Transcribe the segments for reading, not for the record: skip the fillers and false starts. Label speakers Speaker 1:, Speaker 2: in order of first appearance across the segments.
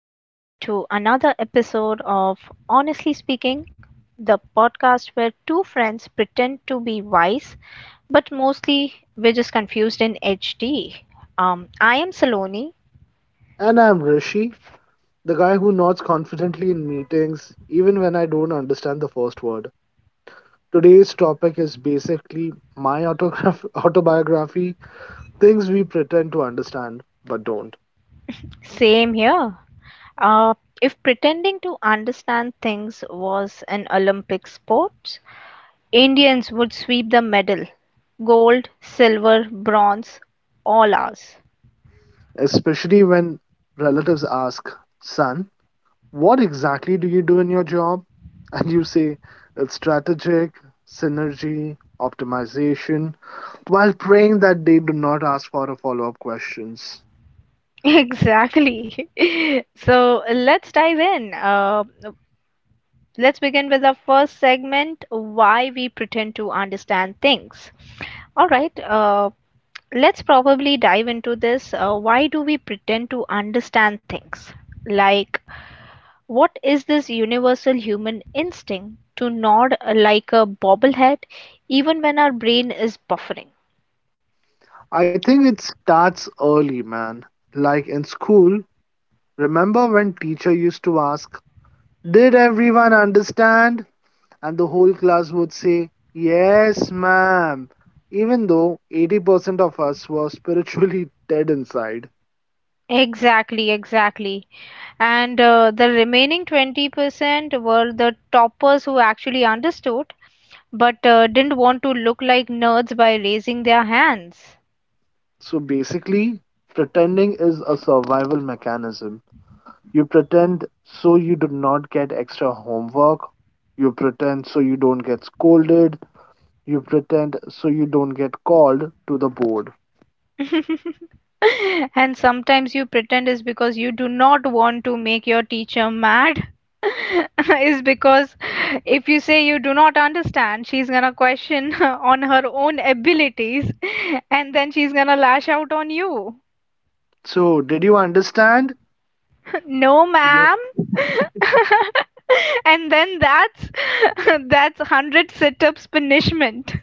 Speaker 1: everyone, to another episode of Honestly Speaking, the podcast where two friends pretend to be wise, but mostly we're just confused in HD. I am Saloni.
Speaker 2: And I'm Rishi, the guy who nods confidently in meetings even when I don't understand the first word. Today's topic is basically my autograph- autobiography, things we pretend to understand but don't.
Speaker 1: Same here. Uh, if pretending to understand things was an Olympic sport, Indians would sweep the medal gold, silver, bronze, all ours.
Speaker 2: Especially when relatives ask, "Son, what exactly do you do in your job?" And you say, "It's strategic, synergy, optimization," while praying that they do not ask for a follow up questions.
Speaker 1: Exactly. So let's dive in. Let's begin with our first segment, why we pretend to understand things. All right, let's probably dive into this. Why do we pretend to understand things? Like, what is this universal human instinct to nod like a bobblehead even when our brain is buffering?
Speaker 2: I think it starts early, man. Like in school, remember when teacher used to ask, "Did everyone understand?" and the whole class would say, "Yes, ma'am." Even though 80% of us were spiritually dead inside.
Speaker 1: Exactly, exactly. And the remaining 20% were the toppers who actually understood, but didn't want to look like nerds by raising their hands.
Speaker 2: So basically, pretending is a survival mechanism. You pretend so you do not get extra homework. You pretend so you don't get scolded. You pretend so you don't get called to the board.
Speaker 1: And sometimes you pretend is because you do not want to make your teacher mad. Is because if you say you do not understand, she's gonna question on her own abilities and then she's gonna lash out on you.
Speaker 2: So, did you understand?
Speaker 1: No
Speaker 2: Yes.
Speaker 1: ma'am. And then that's that's 100 sit-ups punishment.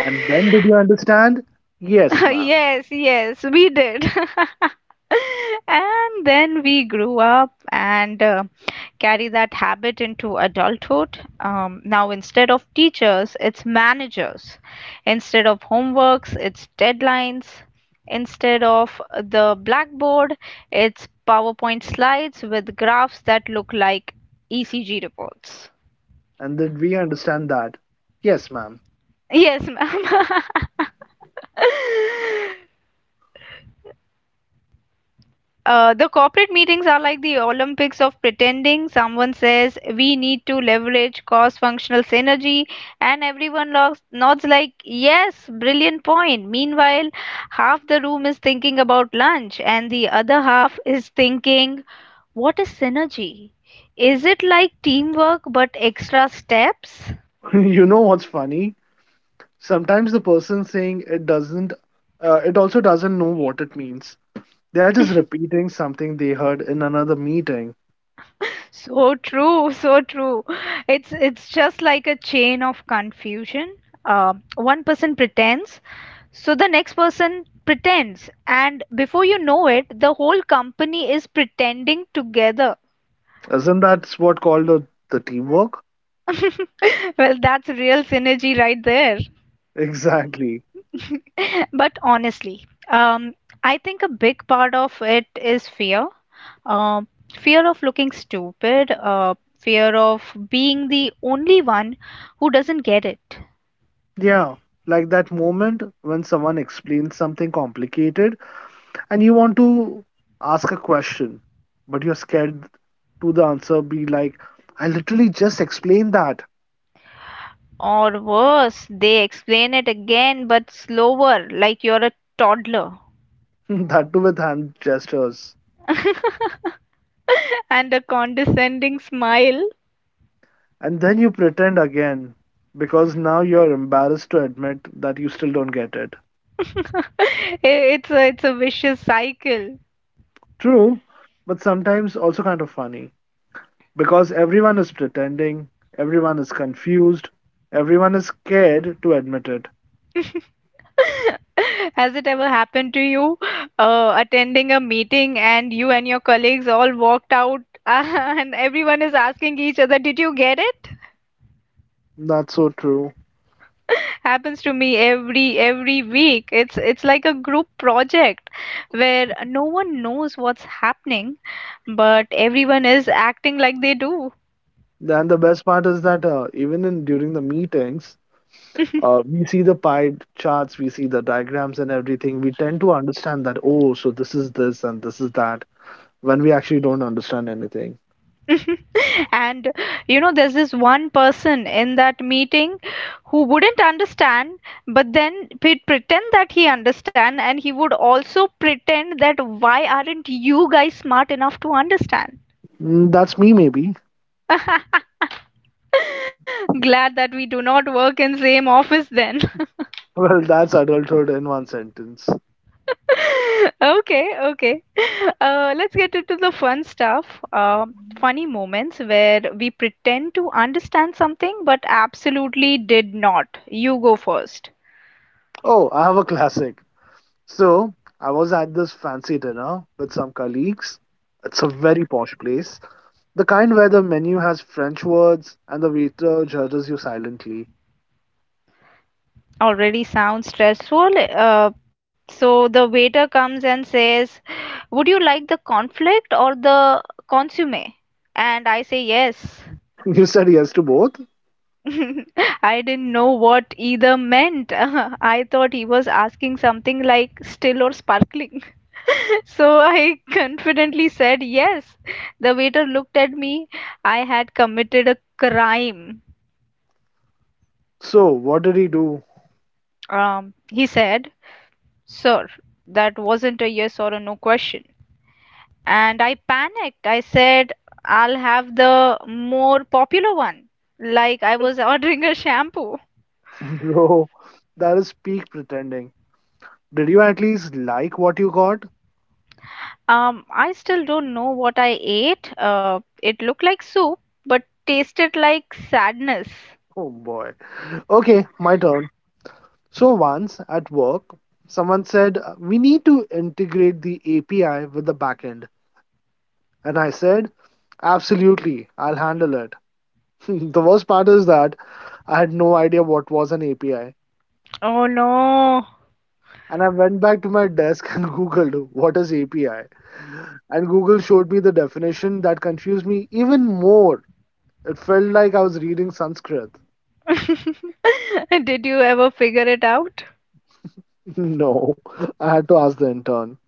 Speaker 2: And then did you understand? Yes, ma'am.
Speaker 1: Yes, yes, we did. And then we grew up and carry that habit into adulthood. Now, instead of teachers, it's managers. Instead of homeworks, it's deadlines. Instead of the blackboard, it's PowerPoint slides with graphs that look like ECG reports.
Speaker 2: And did we understand that? Yes, ma'am.
Speaker 1: Yes, ma'am. The corporate meetings are like the Olympics of pretending. Someone says we need to leverage cross functional synergy, and everyone nods, nods like, yes, brilliant point. Meanwhile, half the room is thinking about lunch, and the other half is thinking, what is synergy? Is it like teamwork but extra steps?
Speaker 2: You know what's funny? Sometimes the person saying it also doesn't know what it means. They are just repeating something they heard in another meeting.
Speaker 1: So true, so true. It's just like a chain of confusion. One person pretends, so the next person pretends, and before you know it, the whole company is pretending together.
Speaker 2: Isn't that what called the teamwork?
Speaker 1: Well, that's real synergy right there.
Speaker 2: Exactly.
Speaker 1: But honestly, I think a big part of it is fear. Um, Fear of looking stupid, fear of being the only one who doesn't get it.
Speaker 2: Yeah, like that moment when someone explains something complicated and you want to ask a question, but you're scared to the answer be like, "I literally just explained that,"
Speaker 1: Or worse, they explain it again but slower, like you're a toddler.
Speaker 2: that too with hand gestures.
Speaker 1: And a condescending smile.
Speaker 2: And then you pretend again because now you're embarrassed to admit that you still don't get it.
Speaker 1: It's a vicious cycle.
Speaker 2: True, but sometimes also kind of funny because everyone is pretending, everyone is confused, everyone is scared to admit it.
Speaker 1: Has it ever happened to you, attending a meeting and you and your colleagues all walked out and everyone is asking each other, "Did you get it?"
Speaker 2: That's so true.
Speaker 1: Happens to me every week. It's like a group project where no one knows what's happening, but everyone is acting like they do.
Speaker 2: Then the best part is that even in during the meetings, we see the pie charts, we see the diagrams and everything. We tend to understand that, oh, so this is this and this is that, when we actually don't understand anything.
Speaker 1: And you know, there's this one person in that meeting who wouldn't understand, but then he'd pretend that he understand, and he would also pretend that why aren't you guys smart enough to understand?
Speaker 2: Mm, that's me, maybe.
Speaker 1: Glad that we do not work in same office then.
Speaker 2: Well, that's adulthood in one sentence.
Speaker 1: Okay, okay. Let's get into the fun stuff. Funny moments where we pretend to understand something but absolutely did not. You go first.
Speaker 2: Oh, I have a classic. So, I was at this fancy dinner with some colleagues. It's a very posh place. The kind where the menu has French words and the waiter judges you silently.
Speaker 1: Already sounds stressful. So the waiter comes and says, would you like the conflict or the consomme? And I say, yes.
Speaker 2: You said yes to both.
Speaker 1: I didn't know what either meant. I thought he was asking something like still or sparkling. So I confidently said yes. The waiter looked at me. I had committed a crime.
Speaker 2: So, what did he do?
Speaker 1: He said, sir, that wasn't a yes or a no question. And I panicked. I said, I'll have the more popular one. Like I was ordering a shampoo.
Speaker 2: Bro, that is peak pretending. Did you at least like what you got?
Speaker 1: I still don't know what I ate. It looked like soup, but tasted like sadness.
Speaker 2: Oh boy. Okay, my turn. So once at work, someone said, " We need to integrate the API with the backend." And I said, "Absolutely, I'll handle it." The worst part is that I had no idea what was an API.
Speaker 1: Oh no.
Speaker 2: And I went back to my desk and Googled what is API. And Google showed me the definition that confused me even more. It felt like I was reading Sanskrit.
Speaker 1: Did you ever figure it out?
Speaker 2: No, I had to ask the intern.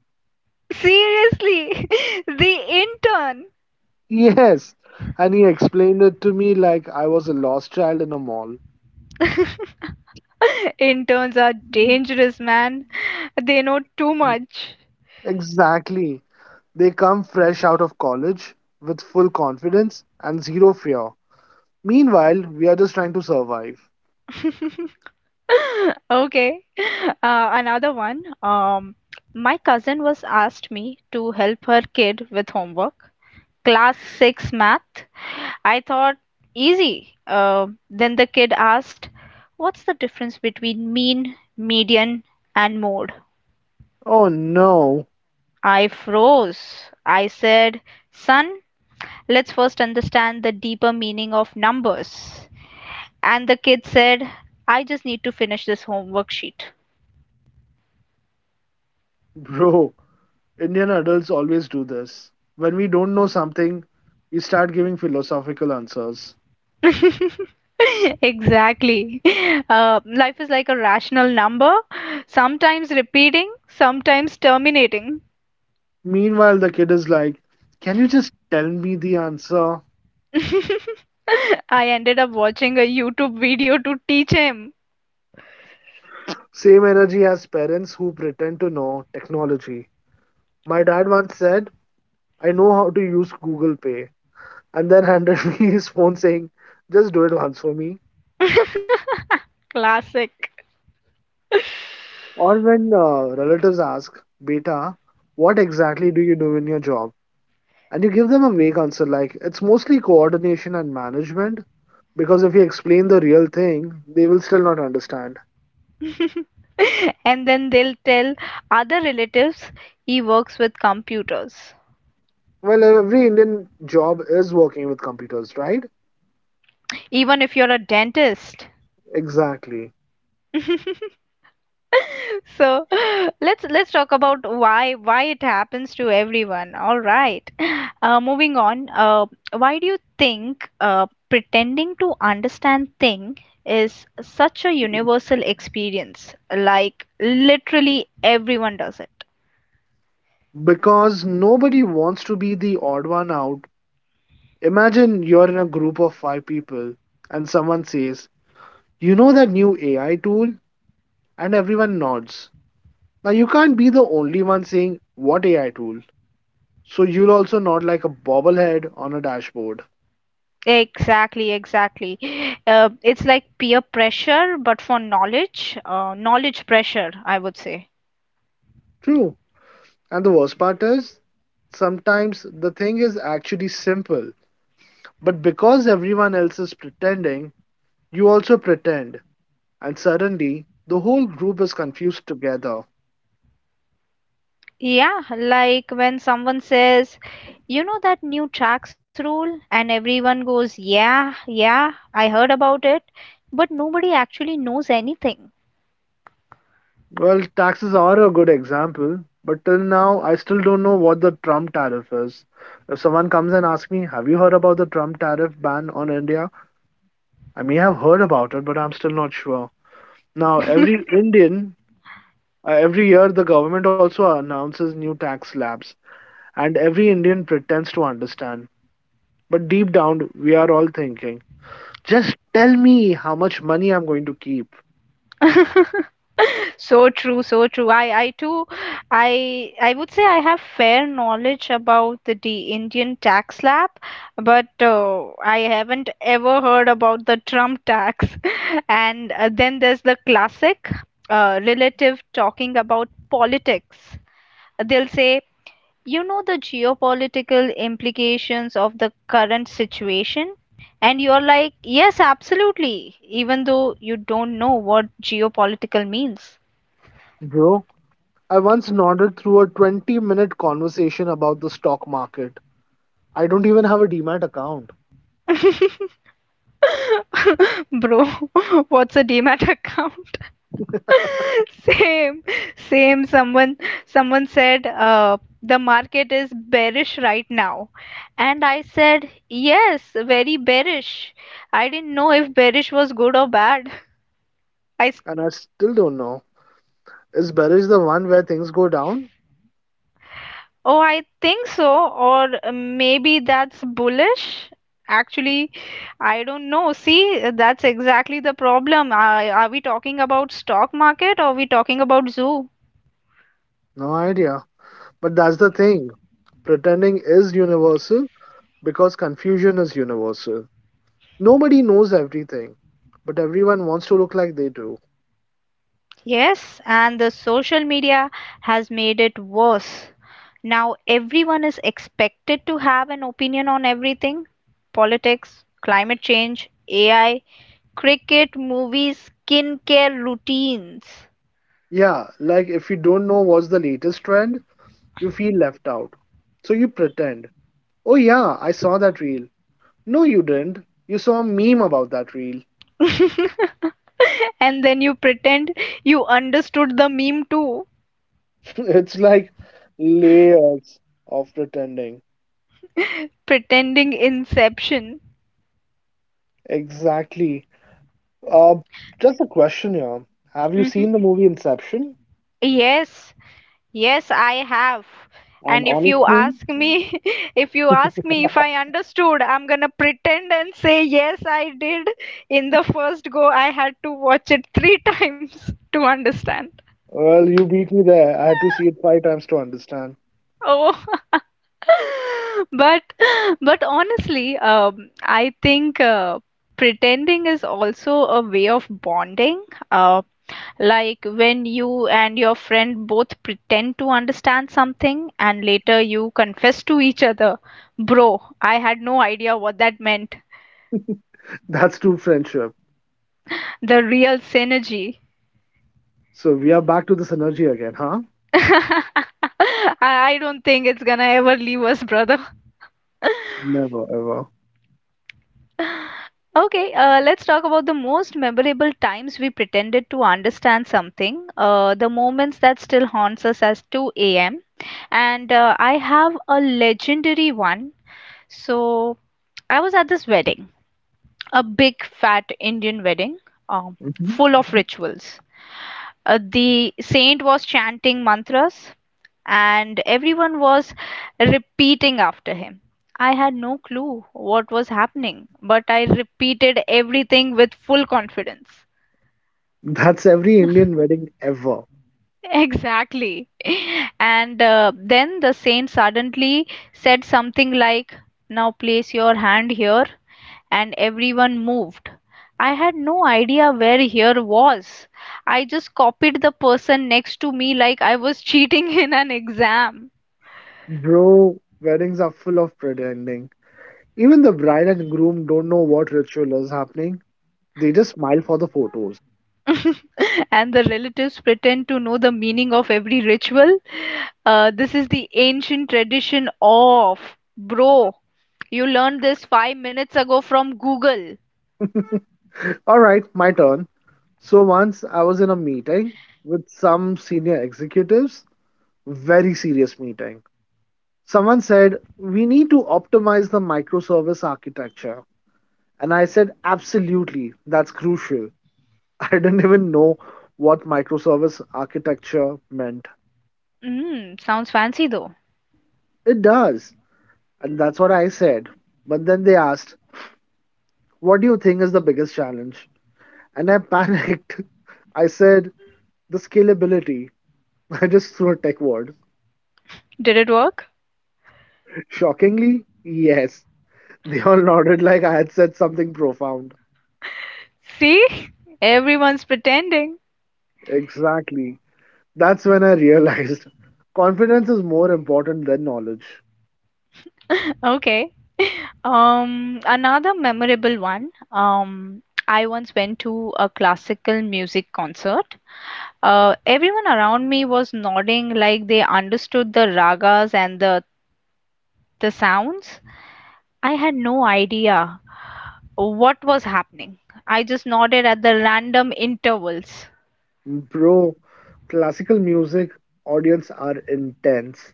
Speaker 1: Seriously. The intern.
Speaker 2: Yes, and he explained it to me like I was a lost child in a mall.
Speaker 1: Interns are dangerous, man. They know too much.
Speaker 2: Exactly. They come fresh out of college with full confidence and zero fear. Meanwhile, we are just trying to survive.
Speaker 1: Okay. Another one. My cousin was asked me to help her kid with homework. Class 6 math. I thought easy. Then the kid asked, "What's the difference between mean, median, and mode?"
Speaker 2: Oh no,
Speaker 1: I froze. I said, son, let's first understand the deeper meaning of numbers. And the kid said, I just need to finish this homework sheet.
Speaker 2: bro. Indian adults always do this. When we don't know something, we start giving philosophical answers.
Speaker 1: Exactly. Life is like a rational number, sometimes repeating, sometimes terminating.
Speaker 2: Meanwhile, the kid is like, "Can you just tell me the answer?"
Speaker 1: I ended up watching a YouTube video to teach him.
Speaker 2: Same energy as parents who pretend to know technology. My dad once said, "I know how to use Google Pay," and then handed me his phone saying, "Just do it once for me."
Speaker 1: Classic.
Speaker 2: Or when relatives ask, "Beta, what exactly do you do in your job?" And you give them a vague answer like, "It's mostly coordination and management," because if you explain the real thing, they will still not understand.
Speaker 1: And then they'll tell other relatives he works with computers,
Speaker 2: Well, every Indian job is working with computers, right?
Speaker 1: even if you're a dentist.
Speaker 2: Exactly.
Speaker 1: So let's talk about why it happens to everyone. All right. Moving on. Why do you think pretending to understand thing is such a universal experience? Like literally everyone does it.
Speaker 2: Because nobody wants to be the odd one out. Imagine you're in a group of five people and someone says, "You know that new AI tool?" And everyone nods. Now you can't be the only one saying, "What AI tool?" So you'll also nod like a bobblehead on a dashboard.
Speaker 1: Exactly, exactly. It's like peer pressure, but for knowledge, knowledge pressure, I would say.
Speaker 2: True. And the worst part is, sometimes the thing is actually simple, but because everyone else is pretending, you also pretend, and suddenly the whole group is confused together.
Speaker 1: Yeah, like when someone says, you know that new tax rule, and everyone goes, yeah, yeah, I heard about it, but nobody actually knows anything.
Speaker 2: Well, taxes are a good example, but till now, I still don't know what the Trump tariff is. If someone comes and asks me, "Have you heard about the Trump tariff ban on India?" I may have heard about it, but I'm still not sure. Now, every Indian, every year, the government also announces new tax slabs, and every Indian pretends to understand. But deep down, we are all thinking, "Just tell me how much money I'm going to keep."
Speaker 1: So true, so true. I too, I would say I have fair knowledge about the Indian tax slab, but I haven't ever heard about the Trump tax. And then there's the classic relative talking about politics. They'll say, you know, the geopolitical implications of the current situation. And you're like, yes, absolutely, even though you don't know what geopolitical means.
Speaker 2: Bro, I once nodded through a 20-minute conversation about the stock market. I don't even have a Demat account,
Speaker 1: Bro, what's a Demat account? Same, same. Someone said, the market is bearish right now. And I said, yes, very bearish. I didn't know if bearish was good or bad. I, s-
Speaker 2: and I still don't know. Is bearish the one where things go down?
Speaker 1: oh, I think so, or maybe that's bullish. Actually, I don't know. See, that's exactly the problem. Are we talking about stock market or are we talking about zoo?
Speaker 2: No idea. But that's the thing. Pretending is universal because confusion is universal. Nobody knows everything, but everyone wants to look like they do.
Speaker 1: Yes, and the social media has made it worse. Now everyone is expected to have an opinion on everything, politics, climate change, AI, cricket, movies, skincare routines.
Speaker 2: Yeah, like if you don't know what's the latest trend, you feel left out. So you pretend. Oh, yeah, I saw that reel. No, you didn't. You saw a meme about that reel.
Speaker 1: And then you pretend you understood the meme too.
Speaker 2: It's like layers of pretending.
Speaker 1: Pretending inception.
Speaker 2: Exactly. Uh, just a question here. Have you
Speaker 1: Mhm.
Speaker 2: seen the movie Inception?
Speaker 1: Yes, yes, I have.
Speaker 2: And
Speaker 1: And if you
Speaker 2: honestly,
Speaker 1: ask me, if you ask me if I understood, I'm gonna pretend and say yes, I did. In the first go, I had to watch it three times to understand.
Speaker 2: well, you beat me there. I had to see it five times to understand.
Speaker 1: Oh. But but honestly, I think pretending is also a way of bonding. Um, Like when you and your friend both pretend to understand something and later you confess to each other, bro, I had no idea what that meant.
Speaker 2: That's true friendship.
Speaker 1: The real synergy.
Speaker 2: So we are back to the synergy again, huh?
Speaker 1: I I don't think it's gonna ever leave us, brother.
Speaker 2: Never, ever.
Speaker 1: Okay, let's talk about the most memorable times we pretended to understand something, the moments that still haunts us as 2 a.m. And I have a legendary one. So, I was at this wedding, a big fat Indian wedding, um,
Speaker 2: Mhm.
Speaker 1: full of rituals. The saint was chanting mantras, and everyone was repeating after him. I had no clue what was happening, but I repeated everything with full confidence.
Speaker 2: That's every Indian wedding ever.
Speaker 1: Exactly. And then the saint suddenly said something like, now place your hand here, and everyone moved. I had no idea where here was. I just copied the person next to me like I was cheating in an exam.
Speaker 2: Bro, weddings are full of pretending. Even the bride and groom don't know what ritual is happening. They just smile for the photos.
Speaker 1: And the relatives pretend to know the meaning of every ritual. This is the ancient tradition of, bro. You learned this 5 minutes ago from Google.
Speaker 2: All right, my turn. So once I was in a meeting with some senior executives, very serious meeting. Someone said, "We need to optimize the microservice architecture." And I said, "Absolutely, that's crucial." I didn't even know what microservice architecture meant.
Speaker 1: Mm, sounds fancy though.
Speaker 2: It does. And that's what I said. But then they asked, "What do you think is the biggest challenge?" And I panicked. I said, "The scalability." I just threw a tech word.
Speaker 1: Did it work?
Speaker 2: Shockingly, yes. They all nodded like I had said something profound.
Speaker 1: See? Everyone's pretending.
Speaker 2: Exactly. That's when I realized confidence is more important than knowledge.
Speaker 1: Okay. Another memorable one. I once went to a classical music concert. Everyone around me was nodding like they understood the ragas and the sounds. I had no idea what was happening. I just nodded at the random intervals.
Speaker 2: Bro, classical music audience are intense.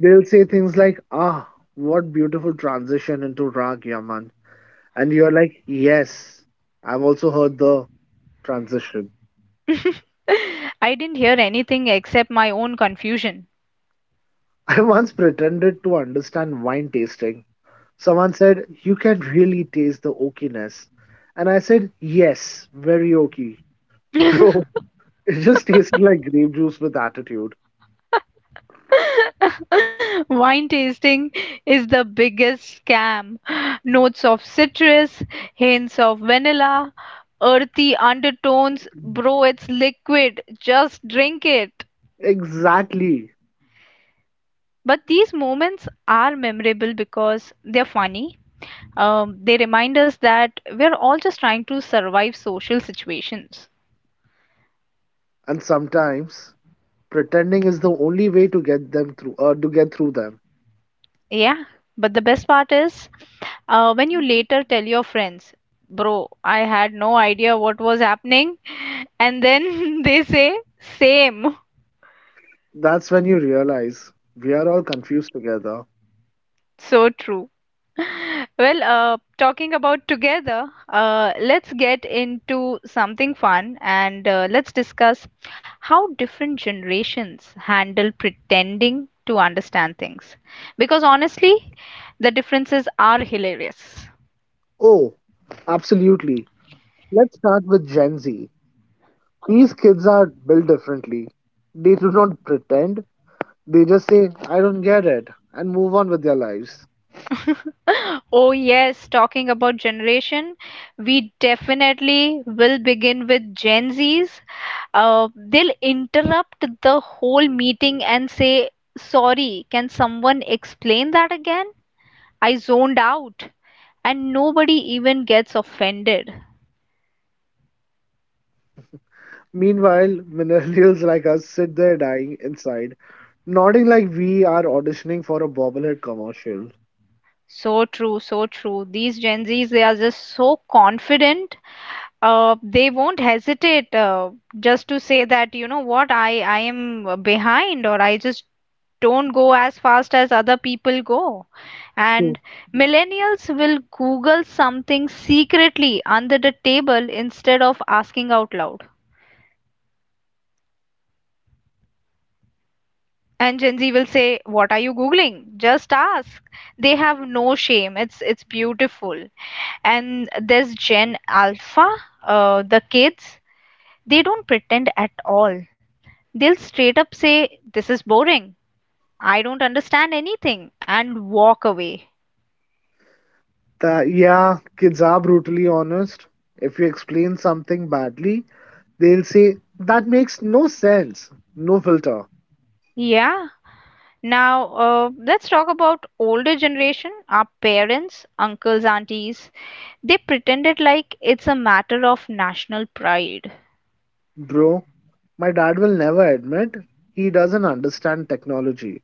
Speaker 2: They'll say things like, "Ah, what beautiful transition into rag, Yaman." And you're like, "Yes, I've also heard the transition."
Speaker 1: I didn't hear anything except my own confusion.
Speaker 2: I once pretended to understand wine tasting. Someone said, "You can really taste the oakiness." And I said, "Yes, very oaky." Bro, it just tasted like grape juice with attitude.
Speaker 1: Wine tasting is the biggest scam. Notes of citrus, hints of vanilla, earthy undertones. Bro, it's liquid. Just drink it.
Speaker 2: Exactly.
Speaker 1: But these moments are memorable because they're funny. They remind us that we're all just trying to survive social situations.
Speaker 2: And sometimes pretending is the only way to get them through or to get through them.
Speaker 1: Yeah, but the best part is, when you later tell your friends, bro, I had no idea what was happening. And then they say, same.
Speaker 2: That's when you realize we are all confused together.
Speaker 1: So true. Well, talking about together, let's get into something fun and let's discuss how different generations handle pretending to understand things. Because honestly, the differences are hilarious.
Speaker 2: Oh, absolutely. Let's start with Gen Z. These kids are built differently. They do not pretend. They just say, "I don't get it," and move on with their lives.
Speaker 1: Oh, yes, talking about generation, we definitely will begin with Gen Zs. They'll interrupt the whole meeting and say, sorry, can someone explain that again? I zoned out. And nobody even gets offended.
Speaker 2: Meanwhile, millennials like us sit there dying inside, nodding like we are auditioning for a bobblehead commercial.
Speaker 1: So true, so true. These Gen Zs, they are just so confident. They won't hesitate just to say that, you know what, I am behind or I just don't go as fast as other people go.
Speaker 2: Hmm.
Speaker 1: And millennials will Google something secretly under the table instead of asking out loud. And Gen Z will say, what are you Googling? Just ask. They have no shame. It's beautiful. And there's Gen Alpha, the kids, they don't pretend at all. They'll straight up say, "This is boring. I don't understand anything," and walk away.
Speaker 2: That, yeah, kids are brutally honest. If you explain something badly, they'll say, "That makes no sense." No filter.
Speaker 1: Yeah. Now, let's talk about older generation, our parents, uncles, aunties. They pretended like it's a matter of national pride.
Speaker 2: Bro, my dad will never admit he doesn't understand technology.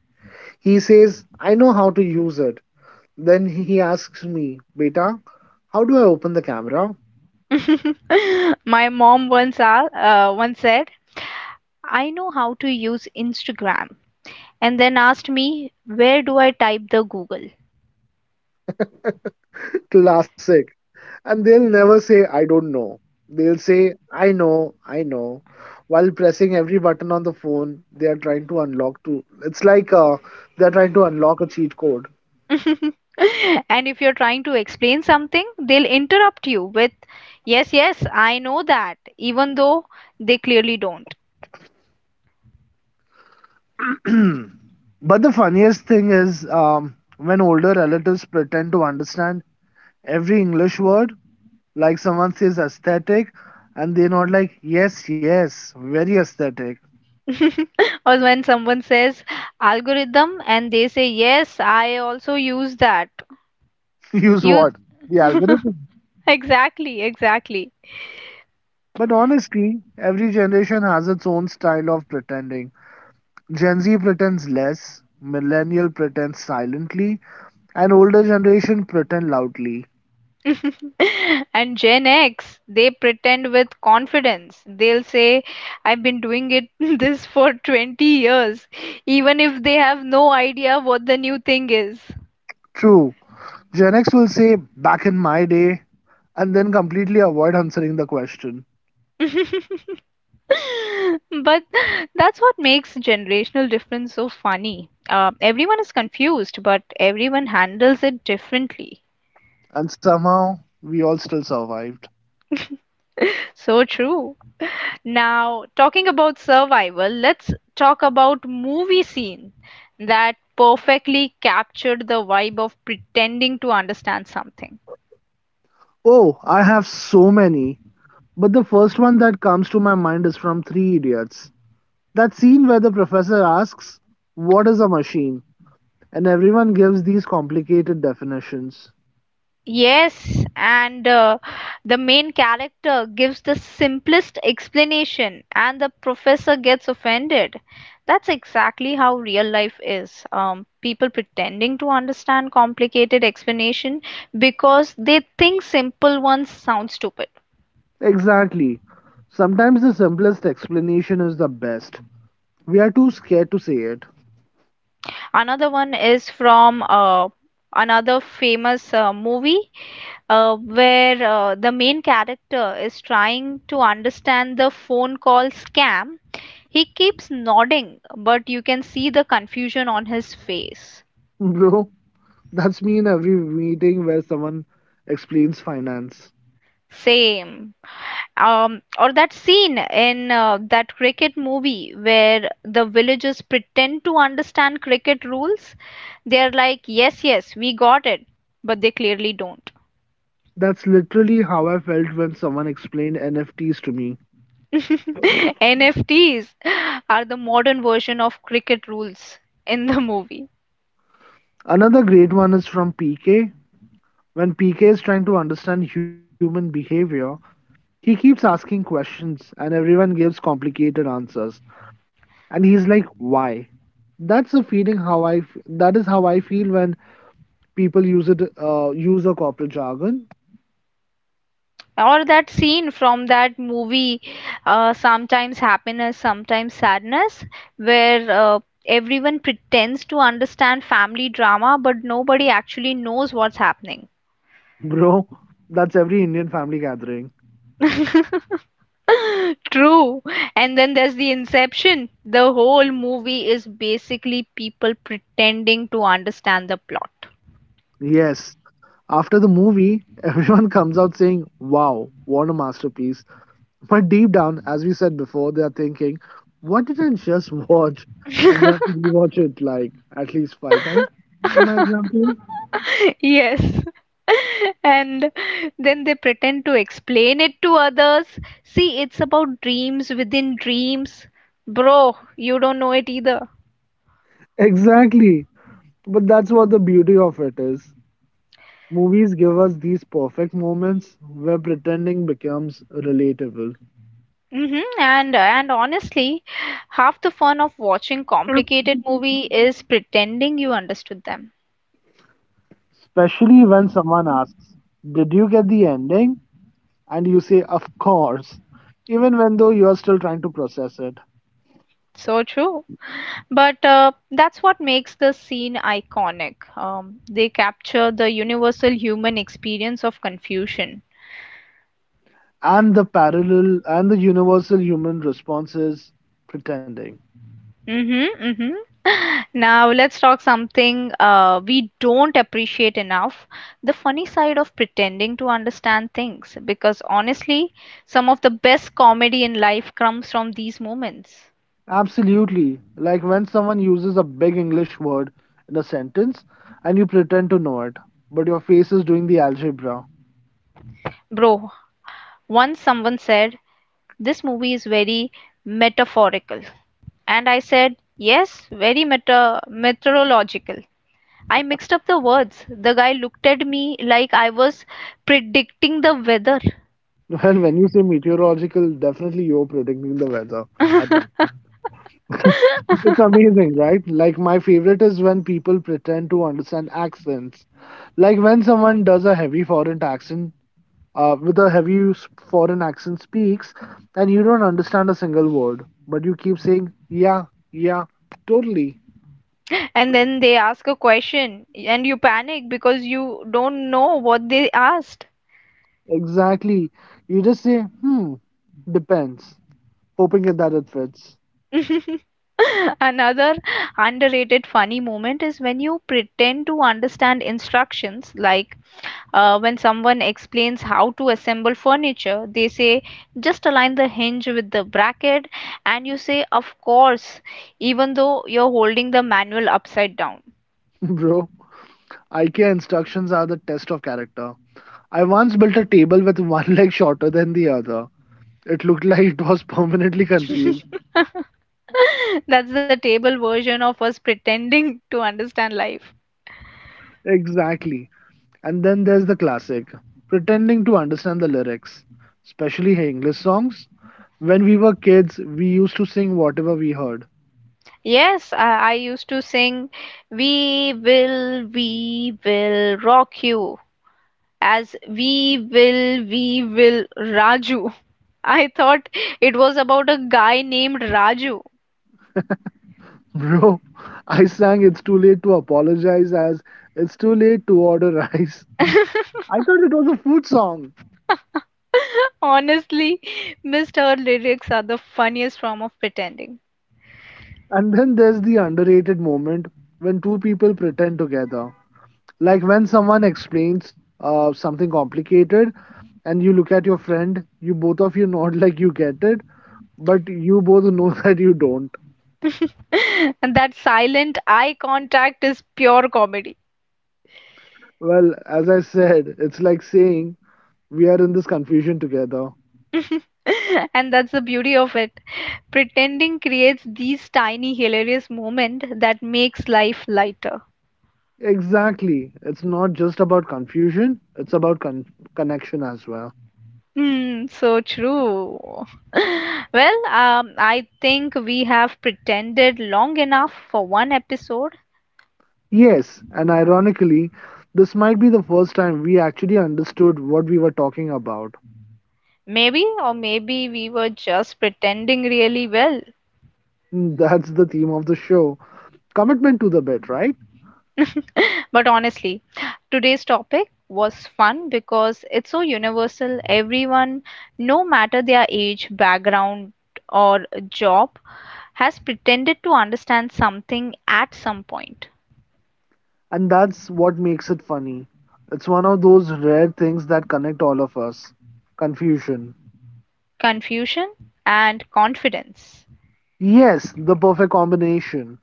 Speaker 2: He says, "I know how to use it." Then he asks me, "Beta, how do I open the camera?"
Speaker 1: My mom once said, "I know how to use Instagram," and then asked me, "Where do I type the Google?"
Speaker 2: Classic. And they'll never say, "I don't know." They'll say, "I know, I know." While pressing every button on the phone, they are trying to unlock to. It's like they're trying to unlock a cheat code.
Speaker 1: And if you're trying to explain something, they'll interrupt you with, "Yes, yes, I know that," even though they clearly don't.
Speaker 2: But the funniest thing is when older relatives pretend to understand every English word, like someone says aesthetic, and they're not like, "Yes, yes, very aesthetic."
Speaker 1: Or when someone says algorithm and they say, yes, I also use that.
Speaker 2: Use
Speaker 1: You
Speaker 2: what? The algorithm.
Speaker 1: exactly, exactly.
Speaker 2: But honestly, every generation has its own style of pretending. Gen Z pretends less, millennial pretends silently, and older generation pretend loudly.
Speaker 1: And Gen X, they pretend with confidence. They'll say, "I've been doing it this for 20 years," even if they have no idea what the new thing is.
Speaker 2: True, Gen X will say "back in my day" and then completely avoid answering the question.
Speaker 1: But that's what makes generational difference so funny. Everyone is confused, but everyone handles it differently.
Speaker 2: And somehow we all still survived.
Speaker 1: So true. Now, talking about survival, let's talk about movie scene that perfectly captured the vibe of pretending to understand something.
Speaker 2: Oh, I have so many. But the first one that comes to my mind is from Three Idiots. That scene where the professor asks, "What is a machine?" And everyone gives these complicated definitions.
Speaker 1: Yes, and the main character gives the simplest explanation, and the professor gets offended. That's exactly how real life is. People pretending to understand complicated explanation because they think simple ones sound stupid.
Speaker 2: Exactly. Sometimes the simplest explanation is the best. We are too scared to say it.
Speaker 1: Another one is from another famous movie where the main character is trying to understand the phone call scam. He keeps nodding, but you can see the confusion on his face.
Speaker 2: Bro, that's me in every meeting where someone explains finance.
Speaker 1: Same. Or that scene in that cricket movie where the villagers pretend to understand cricket rules. They're like, yes, yes, we got it, but they clearly don't.
Speaker 2: That's literally how I felt when someone explained NFTs to me.
Speaker 1: NFTs are the modern version of cricket rules in the movie.
Speaker 2: Another great one is from PK. When PK is trying to understand human behavior, he keeps asking questions and everyone gives complicated answers. And he's like, "Why?" That's the feeling how that is how I feel when people use a corporate jargon.
Speaker 1: Or that scene from that movie sometimes happiness sometimes sadness where everyone pretends to understand family drama but nobody actually knows what's happening.
Speaker 2: Bro, that's every Indian family gathering.
Speaker 1: True. And then there's the Inception. The whole movie is basically people pretending to understand the plot.
Speaker 2: Yes, after the movie everyone comes out saying, "Wow, what a masterpiece," but deep down, as we said before, they are thinking, "What did I just watch?" And they have to rewatch it like at least five times, in my example.
Speaker 1: Yes. And then they pretend to explain it to others. See, it's about dreams within dreams. Bro, you don't know it either.
Speaker 2: Exactly, but that's what the beauty of it is. Movies give us these perfect moments where pretending becomes relatable.
Speaker 1: Hmm. And honestly, half the fun of watching complicated movie is pretending you understood them.
Speaker 2: Especially when someone asks, "Did you get the ending?" And you say, "Of course," even when though you are still trying to process it.
Speaker 1: So true. But that's what makes the scene iconic. They capture the universal human experience of confusion.
Speaker 2: And the parallel and the universal human response is pretending.
Speaker 1: Mm-hmm, mm-hmm. Now, let's talk something we don't appreciate enough the funny side of pretending to understand things. Because honestly, some of the best comedy in life comes from these moments.
Speaker 2: Absolutely. Like when someone uses a big English word in a sentence and you pretend to know it, but your face is doing the algebra.
Speaker 1: Bro, once someone said, "This movie is very metaphorical." And I said, "Yes, very meteorological." I mixed up the words. The guy looked at me like I was predicting the weather.
Speaker 2: Well, when you say meteorological, definitely you're predicting the weather. At it's amazing, right? Like, my favorite is when people pretend to understand accents. Like, when someone does a heavy foreign accent, with a heavy foreign accent speaks, and you don't understand a single word, but you keep saying, "Yeah, yeah, totally,"
Speaker 1: And then they ask a question and you panic because you don't know what they asked.
Speaker 2: exactly. You just say, "Hmm, depends," hoping that it fits.
Speaker 1: Another underrated funny moment is when you pretend to understand instructions, like when someone explains how to assemble furniture, they say just align the hinge with the bracket, and you say, "Of course," even though you're holding the manual upside down.
Speaker 2: Bro, IKEA instructions are the test of character. I once built a table with one leg shorter than the other. It looked like it was permanently confused.
Speaker 1: That's the table version of us pretending to understand life.
Speaker 2: Exactly. And then there's the classic pretending to understand the lyrics, especially English songs. When we were kids, we used to sing whatever we heard.
Speaker 1: Yes, I used to sing, "We will, we will rock you," as "We will, we will Raju." I thought it was about a guy named Raju.
Speaker 2: Bro, I sang "It's Too Late to Apologize" as "It's Too Late to Order Rice." I thought it was a food song.
Speaker 1: Honestly, missed her lyrics are the funniest form of pretending.
Speaker 2: And then there's the underrated moment when two people pretend together. Like when someone explains something complicated and you look at your friend, you both of you nod like you get it, but you both know that you don't.
Speaker 1: And that silent eye contact is pure comedy.
Speaker 2: Well, as I said, it's like saying we are in this confusion together.
Speaker 1: And that's the beauty of it. Pretending creates these tiny hilarious moments that makes life lighter.
Speaker 2: Exactly. It's not just about confusion, it's about connection as well.
Speaker 1: Hmm, so true. Well, I think we have pretended long enough for one episode.
Speaker 2: Yes, and ironically, this might be the first time we actually understood what we were talking about.
Speaker 1: Maybe, or maybe we were just pretending really well.
Speaker 2: Mm, that's the theme of the show, commitment to the bit, right?
Speaker 1: But honestly, today's topic was fun because it's so universal. Everyone, no matter their age, background, or job, has pretended to understand something at some point.
Speaker 2: And that's what makes it funny. It's one of those rare things that connect all of us, confusion.
Speaker 1: Confusion and confidence.
Speaker 2: Yes, the perfect combination.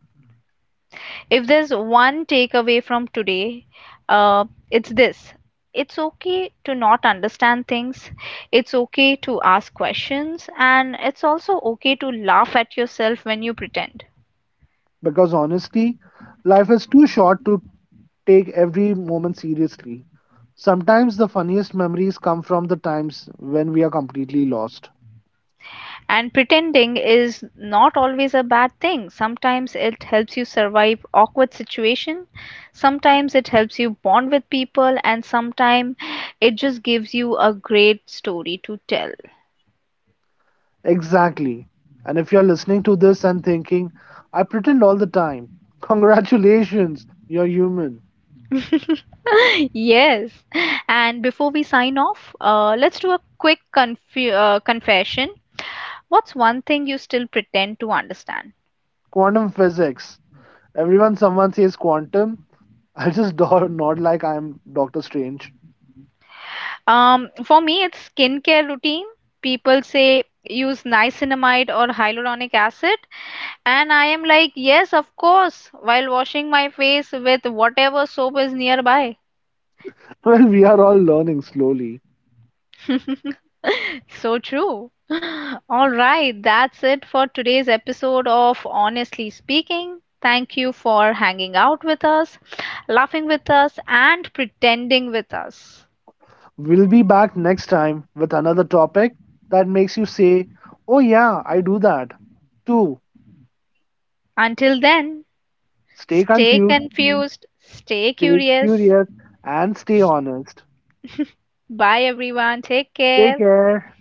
Speaker 1: If there's one takeaway from today, uh, it's this: it's okay to not understand things, it's okay to ask questions, and it's also okay to laugh at yourself when you pretend.
Speaker 2: Because honestly, life is too short to take every moment seriously. Sometimes the funniest memories come from the times when we are completely lost.
Speaker 1: And pretending is not always a bad thing. Sometimes it helps you survive awkward situation, sometimes it helps you bond with people, and sometimes it just gives you a great story to tell.
Speaker 2: Exactly. And if you're listening to this and thinking, "I pretend all the time," congratulations, you're human.
Speaker 1: Yes. And before we sign off, let's do a quick confession. What's one thing you still pretend to understand?
Speaker 2: Quantum physics. Everyone, someone says quantum, I just nod like I'm Doctor Strange.
Speaker 1: For me, it's skincare routine. People say use niacinamide or hyaluronic acid, and I am like, yes, of course, while washing my face with whatever soap is nearby.
Speaker 2: Well, we are all learning slowly.
Speaker 1: So true. All right, that's it for today's episode of Honestly Speaking. Thank you for hanging out with us, laughing with us, and pretending with us.
Speaker 2: We'll be back next time with another topic that makes you say, "Oh, yeah, I do that. Too."
Speaker 1: Until then,
Speaker 2: Stay
Speaker 1: stay
Speaker 2: confused,
Speaker 1: confused, stay
Speaker 2: stay
Speaker 1: curious.
Speaker 2: curious, and stay honest.
Speaker 1: Bye, everyone. Take
Speaker 2: Take
Speaker 1: care.
Speaker 2: care.